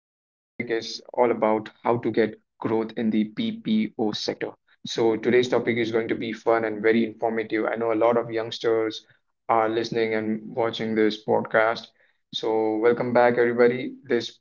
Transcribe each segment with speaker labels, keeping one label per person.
Speaker 1: how to get growth in the PPO sector. So, today's topic is going to be fun and very informative. I know a lot of youngsters are listening and watching this podcast. So, welcome back, everybody. This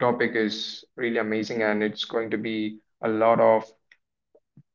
Speaker 1: topic is really amazing and it's going to be a lot of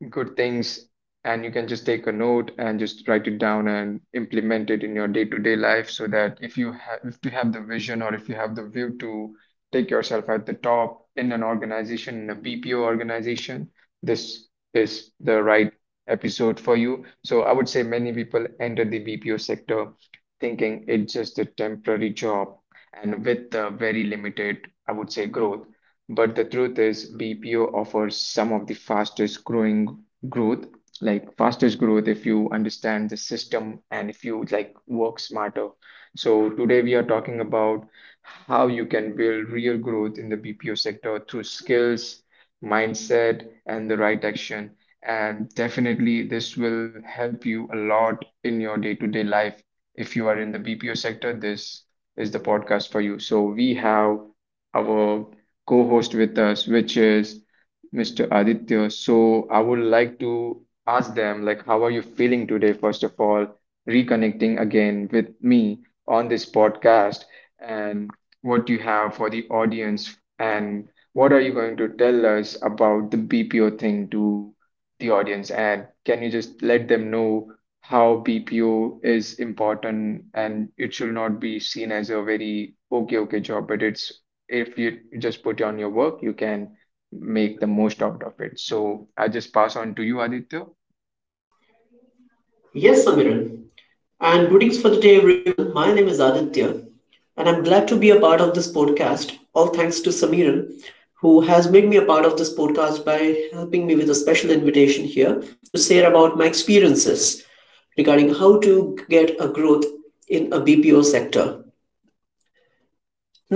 Speaker 1: good things, and you can just take a note and just write it down and implement it in your day-to-day life, so that if you have the vision, or if you have the view to take yourself at the top in an organization, in a BPO organization, this is the right episode for you. So I would say many people enter the BPO sector thinking it's just a temporary job, and with very limited, I would say, growth. But the truth is, BPO offers some of the fastest growing growth, like fastest growth, if you understand the system and if you like work smarter. So today we are talking about how you can build real growth in the BPO sector through skills, mindset, and the right action. And definitely this will help you a lot in your day-to-day life. If you are in the BPO sector, this is the podcast for you. So we have our co-host with us, which is Mr. Aditya. So I would like to ask them, like, how are you feeling today, first of all, reconnecting again with me on this podcast, and what you have for the audience, and what are you going to tell us about the BPO thing to the audience? And can you just let them know how BPO is important and it should not be seen as a very okay, okay job, but it's if you just put on your work, you can make the most out of it. So I just pass on to you, Aditya.
Speaker 2: Yes, Samiran. And greetings for the day, everyone. My name is Aditya, and I'm glad to be a part of this podcast. All thanks to Samiran, who has made me a part of this podcast by helping me with a special invitation here to share about my experiences regarding how to get a growth in a BPO sector.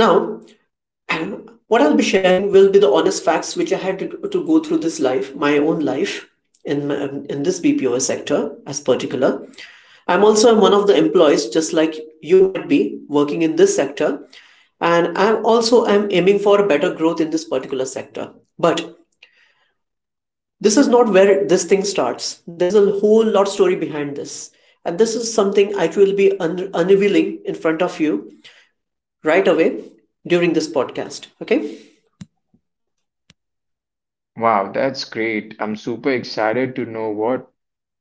Speaker 2: Now, what I'll be sharing will be the honest facts which I had to go through this life, my own life in my- in this BPO sector as particular. I'm also one of the employees, just like you might be working in this sector, and I'm aiming for a better growth in this particular sector. But this is not where this thing starts. There is a whole lot story behind this, and this is something I will be unveiling in front of you right away during this podcast. Okay.
Speaker 1: Wow, that's great. I'm super excited to know what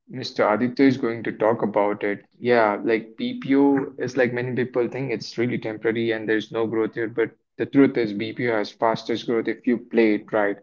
Speaker 1: Mr. Aditya is going to talk about it. Yeah, like, BPO is, like, many people think it's really temporary and there's no growth here, but the truth is BPO has fastest growth if you play it right.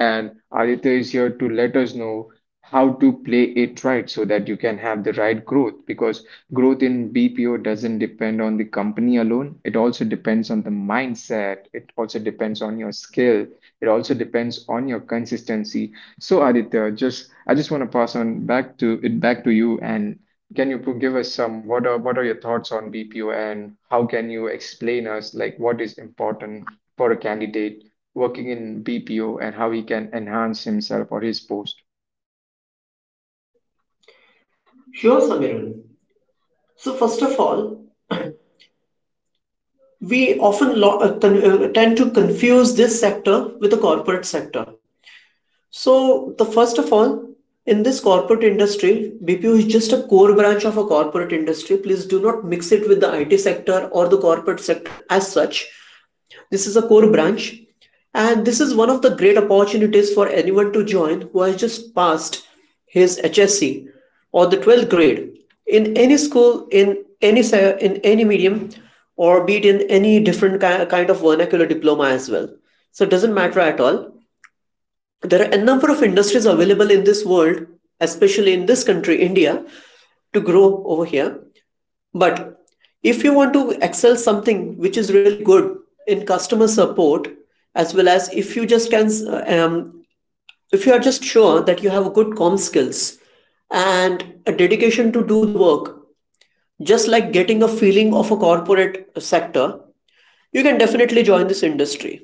Speaker 1: And Aditya is here to let us know how to play it right, so that you can have the right growth, because growth in BPO doesn't depend on the company alone. It also depends on the mindset. It also depends on your skill. It also depends on your consistency. So Aditya, just I just want to pass on back to you, and can you give us some what are your thoughts on BPO, and how can you explain us, like, what is important for a candidate working in BPO and how he can enhance himself or his post?
Speaker 2: Sure, Samirun. So first of all, we often tend to confuse this sector with the corporate sector. So, the first of all, in this corporate industry, BPO is just a core branch of a corporate industry. Please do not mix it with the IT sector or the corporate sector as such. This is a core branch, and this is one of the great opportunities for anyone to join who has just passed his HSC or the 12th grade in any school, in any medium, or be it in any different kind of vernacular diploma as well. So it doesn't matter at all. There are a number of industries available in this world, especially in this country, India, to grow over here. But if you want to excel something which is really good in customer support, as well as if you are just sure that you have good com skills and a dedication to do the work, just like getting a feeling of a corporate sector, you can definitely join this industry,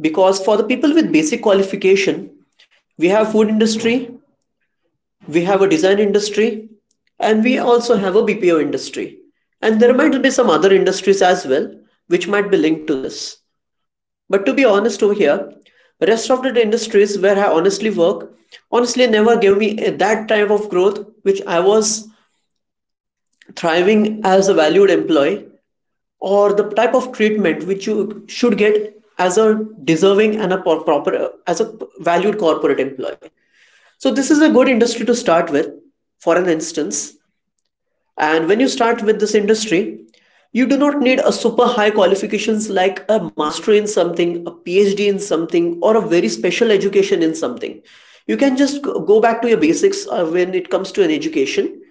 Speaker 2: because for the people with basic qualification, we have food industry, we have a design industry, and we also have a BPO industry. And there might be some other industries as well which might be linked to this. But to be honest over here, rest of the industries where I honestly work honestly never gave me that type of growth which I was thriving as a valued employee, or the type of treatment which you should get as a deserving and a proper as a valued corporate employee. So this is a good industry to start with, for an instance. And when you start with this industry, you do not need a super high qualifications like a master in something, a PhD in something, or a very special education in something. You can just go back to your basics when it comes to an education,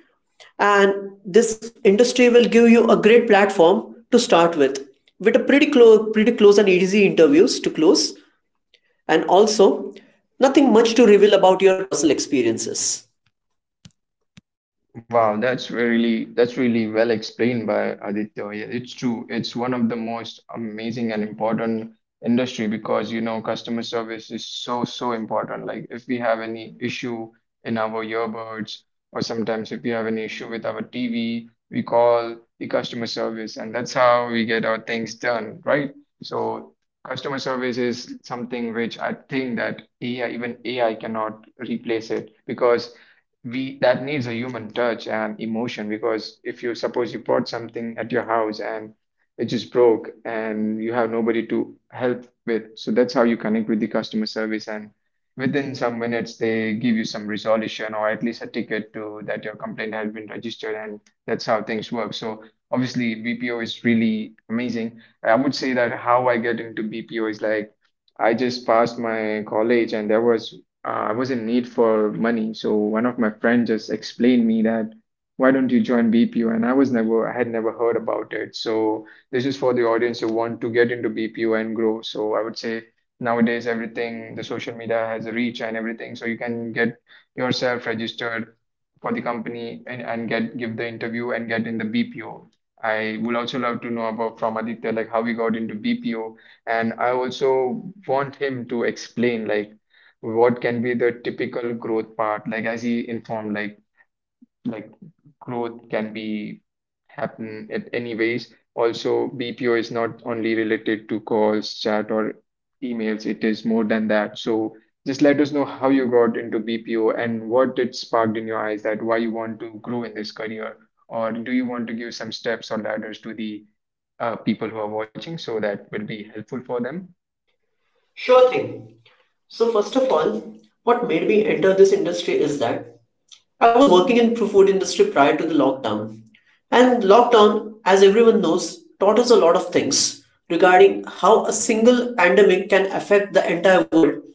Speaker 2: and this industry will give you a great platform to start with a pretty close and easy interviews to close, and also nothing much to reveal about your personal experiences.
Speaker 1: Wow, that's really well explained by Aditya. Yeah, it's true. It's one of the most amazing and important industry, because you know, customer service is so, so important. Like, if we have any issue in our earbuds, or sometimes if we have any issue with our TV, we call the customer service, and that's how we get our things done, right? So customer service is something which I think that AI, even AI cannot replace it, because we that needs a human touch and emotion, because if you, suppose you bought something at your house and it just broke and you have nobody to help with, so that's how you connect with the customer service, and within some minutes they give you some resolution, or at least a ticket to that your complaint has been registered, and that's how things work. So obviously BPO is really amazing. I would say that how I get into BPO is like, I just passed my college and there was I was in need for money. So one of my friends just explained me that why don't you join BPO? And I had never heard about it. So this is for the audience who want to get into BPO and grow. So I would say nowadays everything, the social media has a reach and everything, so you can get yourself registered for the company, and get give the interview and get in the BPO. I would also love to know about from Aditya, like, how he got into BPO, and I also want him to explain, like, what can be the typical growth part, like, as he informed, like growth can be happen at any ways. Also BPO is not only related to calls, chat, or emails, it is more than that. So just let us know how you got into BPO and what it sparked in your eyes, that why you want to grow in this career, or do you want to give some steps or ladders to the people who are watching, so that will be helpful for them.
Speaker 2: Sure thing. So first of all, what made me enter this industry is that I was working in food industry prior to the lockdown. And lockdown, as everyone knows, taught us a lot of things regarding how a single pandemic can affect the entire world,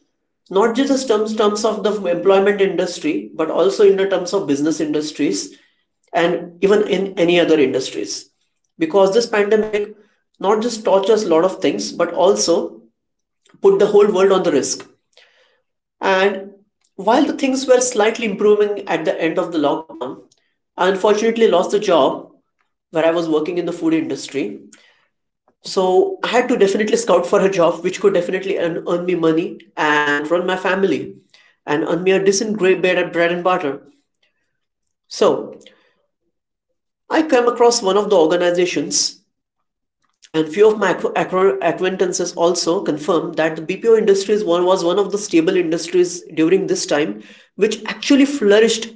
Speaker 2: not just in terms of the employment industry, but also in the terms of business industries and even in any other industries. Because this pandemic not just taught us a lot of things, but also put the whole world on the risk. And while the things were slightly improving at the end of the lockdown, I unfortunately lost the job where I was working in the food industry. So I had to definitely scout for a job which could definitely earn me money and run my family and earn me a decent great bread and butter. So I came across one of the organizations. And few of my acquaintances also confirm that the BPO industry was one of the stable industries during this time, which actually flourished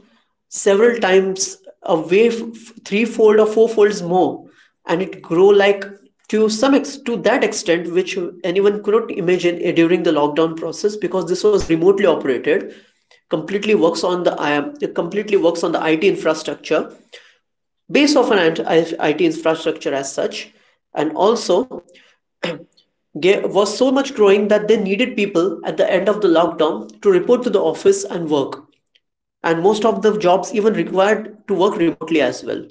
Speaker 2: several times, a way threefold or fourfolds more, and it grew like to that extent which anyone could not imagine during the lockdown process, because this was remotely operated, completely works on the IT infrastructure, base of an IT infrastructure as such, and also there was so much growing that they needed people at the end of the lockdown to report to the office and work. And most of the jobs even required to work remotely as well.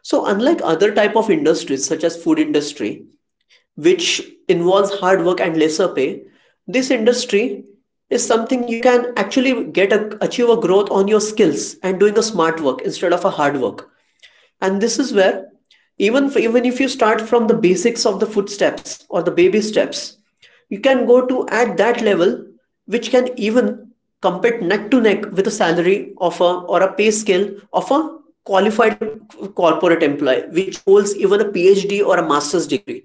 Speaker 2: So unlike other type of industries such as food industry, which involves hard work and lesser pay, this industry is something you can actually achieve a growth on your skills and doing a smart work instead of a hard work. And this is where even if you start from the basics of the footsteps or the baby steps, you can go to at that level which can even compete neck to neck with a salary of a or a pay scale of a qualified corporate employee which holds even a phd or a master's degree.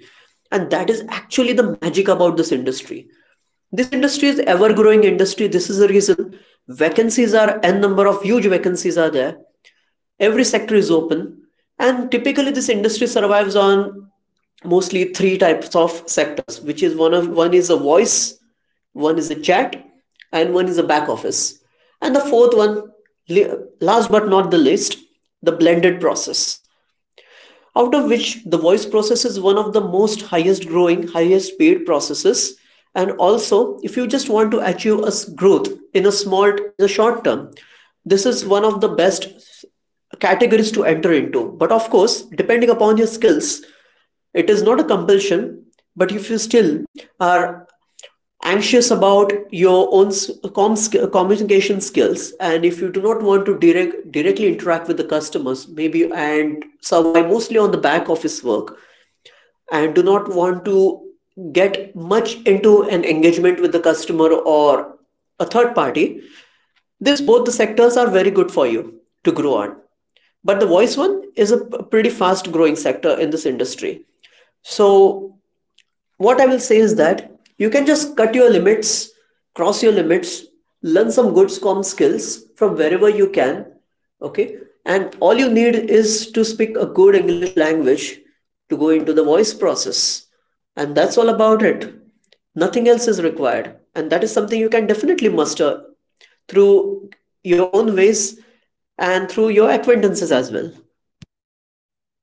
Speaker 2: And that is actually the magic about this industry. This industry is ever growing industry. This is the reason vacancies are n number of huge vacancies are there. Every sector is open, and typically this industry survives on mostly three types of sectors, which is one of one is a voice, one is a chat, and one is a back office, and the fourth one, last but not the least, the blended process, out of which the voice process is one of the most highest growing, highest paid processes. And also if you just want to achieve a growth in a small in a short term, this is one of the best categories to enter into, but of course depending upon your skills, it is not a compulsion. But if you still are anxious about your own communication skills, and if you do not want to directly interact with the customers maybe, and survive mostly on the back office work, and do not want to get much into an engagement with the customer or a third party, this both the sectors are very good for you to grow on, but the voice one is a pretty fast growing sector in this industry. So what I will say is that you can just cut your limits, cross your limits, learn some good SCOM skills from wherever you can. Okay. And all you need is to speak a good English language to go into the voice process. And that's all about it. Nothing else is required. And that is something you can definitely muster through your own ways and through your acquaintances as well.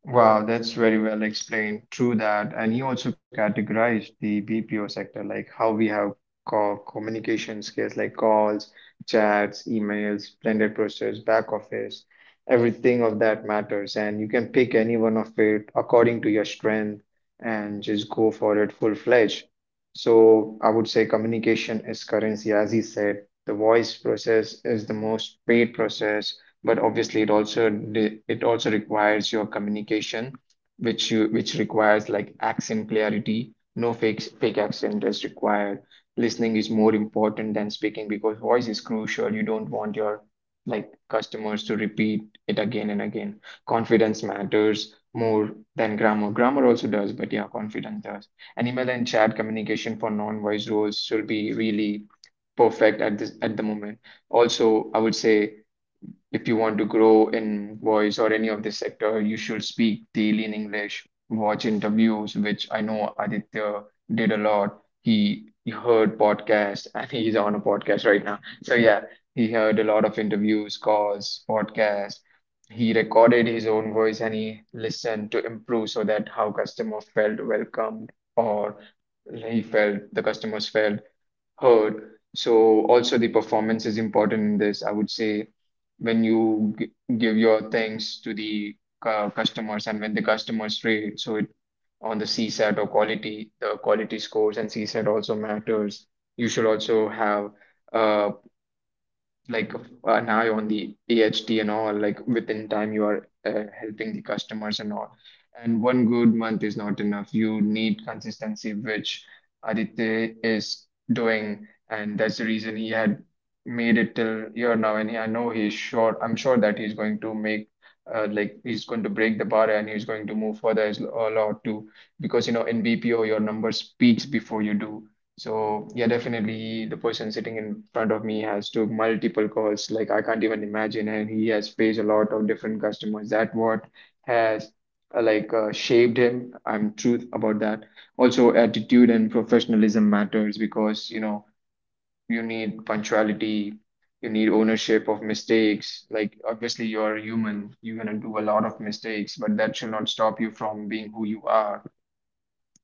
Speaker 1: Wow, that's very well explained. True that. And he also categorized the BPO sector, like how we have co communication skills like calls, chats, emails, blended process, back office. Everything of that matters. And you can pick any one of it according to your strength and just go for it full-fledged. So I would say communication is currency, as he said. The voice process is the most paid process, but obviously it also requires your communication, which you which requires, like, accent clarity. No fake accent is required. Listening is more important than speaking, because voice is crucial. You don't want your, like, customers to repeat it again and again. Confidence matters more than grammar. Grammar also does, but yeah, confidence does. And email and chat communication for non-voice roles should be really perfect at this at the moment. Also, I would say, if you want to grow in voice or any of this sector, you should speak daily in English, watch interviews, which I know Aditya did a lot. He heard podcasts, and he's on a podcast right now. So yeah, he heard a lot of interviews, calls, podcasts. He recorded his own voice and he listened to improve, so that how customer felt welcomed, or he felt the customers felt heard. So also the performance is important in this. I would say when you g give your thanks to the customers, and when the customers rate, so it on the CSAT or quality, the quality scores and CSAT also matters. You should also have uh, like, now you're on the DHT and all, like within time you are helping the customers and all. And one good month is not enough. You need consistency, which Aditya is doing, and that's the reason he had made it till here now. And he, I know he's sure. I'm sure that he's going to make. Like, he's going to break the bar and he's going to move further as a lot too, because you know in BPO your number speaks before you do. So yeah, definitely the person sitting in front of me has took multiple calls. Like, I can't even imagine, and he has faced a lot of different customers. That what has like, shaped him. I'm truth about that. Also, attitude and professionalism matters, because you know you need punctuality, you need ownership of mistakes. Like, obviously you're human, you're gonna do a lot of mistakes, but that should not stop you from being who you are.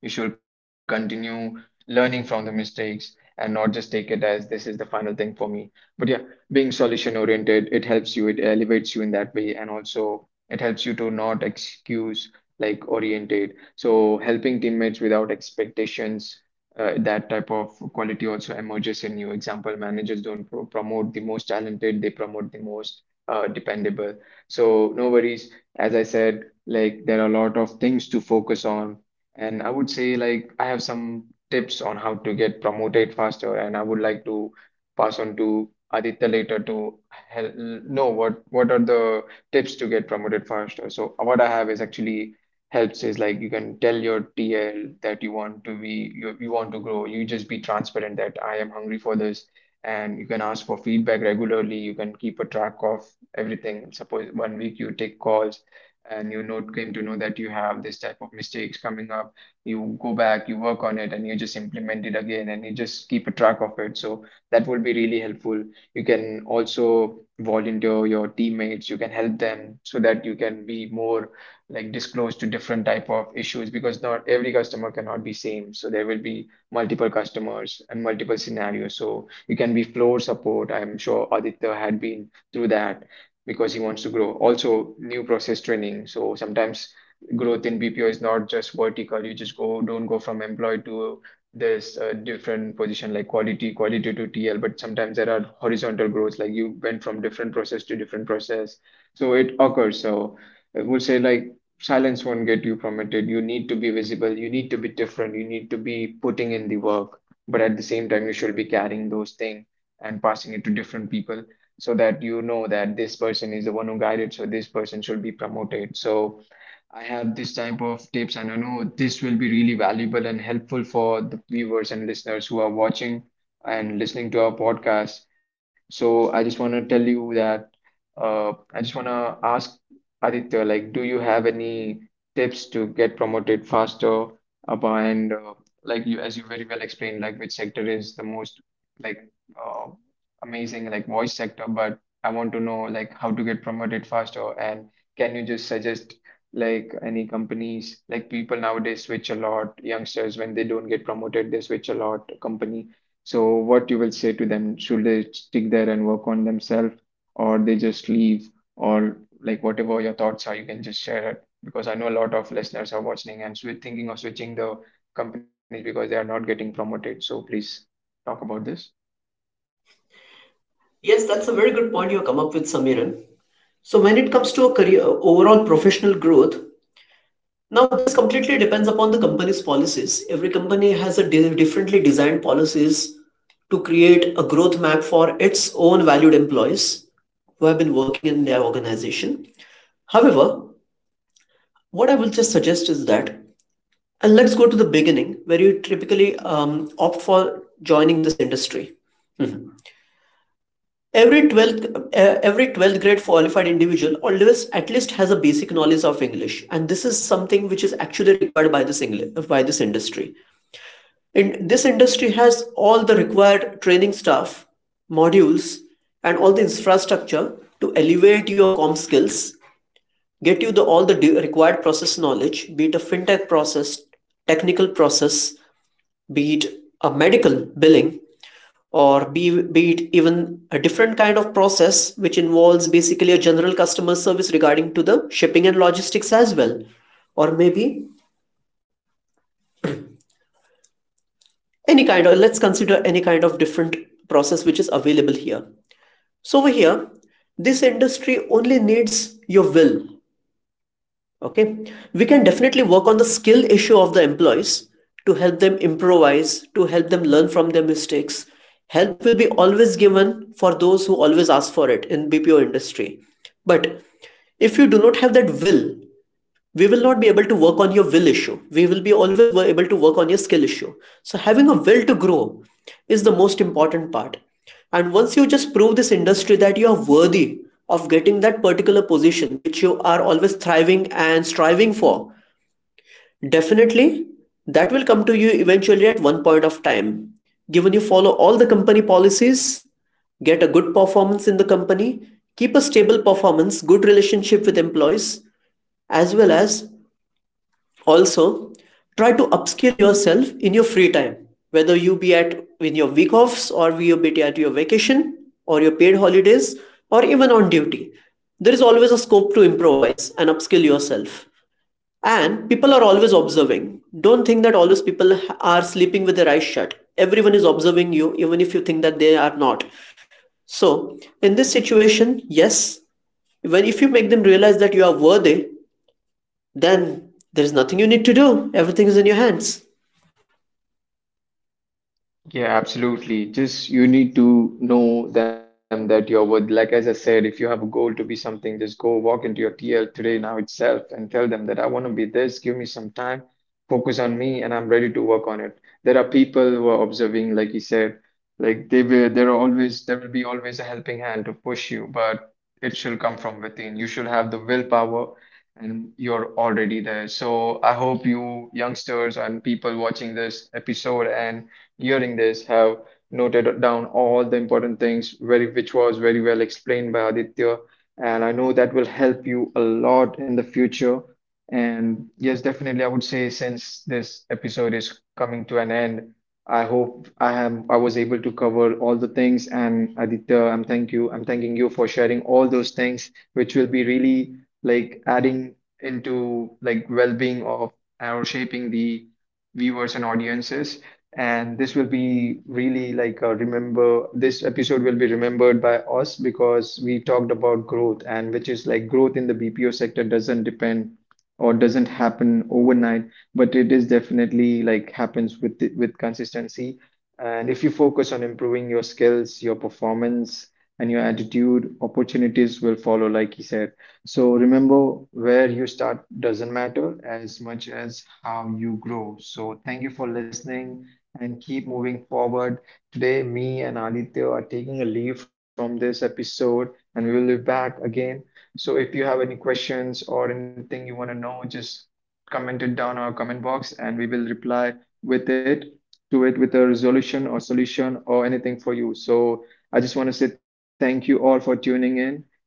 Speaker 1: You should continue learning from the mistakes, and not just take it as this is the final thing for me. But yeah, being solution oriented, it helps you, it elevates you in that way, and also it helps you to not excuse, like, oriented. So helping teammates without expectations. That type of quality also emerges in you. Example, managers don't promote the most talented, they promote the most dependable. So, no worries. As I said, like, there are a lot of things to focus on, and I would say, like, I have some tips on how to get promoted faster, and I would like to pass on to Aditya later to hel know what are the tips to get promoted faster. So what I have is actually helps is like, you can tell your TL that you want to grow. You just be transparent that I am hungry for this, and you can ask for feedback regularly. You can keep a track of everything. Suppose one week you take calls and you know came to know that you have this type of mistakes coming up. You go back, you work on it, and you just implement it again, and you just keep a track of it, so that would be really helpful. You can also volunteer your teammates, you can help them, so that you can be more like disclosed to different type of issues, because not every customer cannot be same, so there will be multiple customers and multiple scenarios. So you can be floor support. I'm sure Aditya had been through that because he wants to grow. Also, new process training. So sometimes growth in BPO is not just vertical. You just go, don't go from employee to this different position like quality, quality to TL, but sometimes there are horizontal growths, like you went from different process to different process. So it occurs. So I would say like silence won't get you promoted. You need to be visible. You need to be different. You need to be putting in the work, but at the same time, you should be carrying those things and passing it to different people, so that you know that this person is the one who guided, so this person should be promoted. So I have this type of tips, and I know this will be really valuable and helpful for the viewers and listeners who are watching and listening to our podcast. So I just want to tell you that I just want to ask Aditya, like, do you have any tips to get promoted faster? About and like you, as you very well explained, like which sector is the most like uh, amazing, like voice sector. But I want to know like how to get promoted faster, and can you just suggest like any companies? Like, people nowadays switch a lot, youngsters, when they don't get promoted they switch a lot company. So what you will say to them? Should they stick there and work on themselves, or they just leave, or like whatever your thoughts are, you can just share it, because I know a lot of listeners are watching and thinking of switching the companies because they are not getting promoted, so please talk about this.
Speaker 2: Yes, that's a very good point you come up with, Samiran. So when it comes to a career overall professional growth, now, this completely depends upon the company's policies. Every company has a differently designed policies to create a growth map for its own valued employees who have been working in their organization. However, what I will just suggest is that, and let's go to the beginning where you typically opt for joining this industry. Every 12th, every 12th grade qualified individual always at least has a basic knowledge of English, and this is something which is actually required by this industry. And this industry has all the required training staff, modules, and all the infrastructure to elevate your com skills, get you the all the de- required process knowledge, be it a fintech process, technical process, be it a medical billing, or be it even a different kind of process which involves basically a general customer service regarding to the shipping and logistics as well, or maybe any kind of let's consider any kind of different process which is available here. So over here, this industry only needs your will. Okay. We can definitely work on the skill issue of the employees, to help them improvise, to help them learn from their mistakes. Help will be always given for those who always ask for it in bpo industry. But if you do not have that will, we will not be able to work on your will issue. We will be always able to work on your skill issue. So having a will to grow is the most important part. And once you just prove this industry that you are worthy of getting that particular position which you are always thriving and striving for, definitely that will come to you eventually at one point of time, given you follow all the company policies, get a good performance in the company, keep a stable performance, good relationship with employees, as well as also try to upskill yourself in your free time, whether you be at in your week offs or you be at your vacation or your paid holidays or even on duty. There is always a scope to improvise and upskill yourself. And people are always observing. Don't think that always people are sleeping with their eyes shut. Everyone is observing you even if you think that they are not. So in this situation, yes, when if you make them realize that you are worthy, then there is nothing you need to do, everything is in your hands.
Speaker 1: Yeah, absolutely. Just you need to know them that you're worth. Like as I said, if you have a goal to be something, just go walk into your TL today now itself and tell them that I want to be this. Give me some time, focus on me, and I'm ready to work on it. There are people who are observing, like you said, like they will. There will be always a helping hand to push you, but it should come from within. You should have the willpower, and you're already there. So I hope you youngsters and people watching this episode and hearing this have noted down all the important things very which was very well explained by Aditya, and I know that will help you a lot in the future. And yes, definitely I would say, since this episode is coming to an end, I hope I was able to cover all the things. And Aditya, I'm thanking you for sharing all those things which will be really like adding into like well-being of or shaping the viewers and audiences. And this will be really like remember, this episode will be remembered by us because we talked about growth, and which is like growth in the BPO sector doesn't depend or doesn't happen overnight, but it is definitely like happens with consistency. And if you focus on improving your skills, your performance, and your attitude, opportunities will follow, like he said. So remember, where you start doesn't matter as much as how you grow. So thank you for listening and keep moving forward. Today, me and Aditya are taking a leave from this episode, and we will be back again. So, if you have any questions or anything you want to know, just comment it down our comment box, and we will reply with it to it with a resolution or solution or anything for you. So, I just want to say thank you all for tuning in.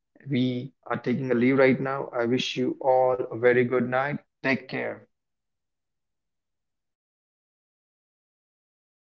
Speaker 1: We are taking a leave right now. I wish you all a very good night. Take care.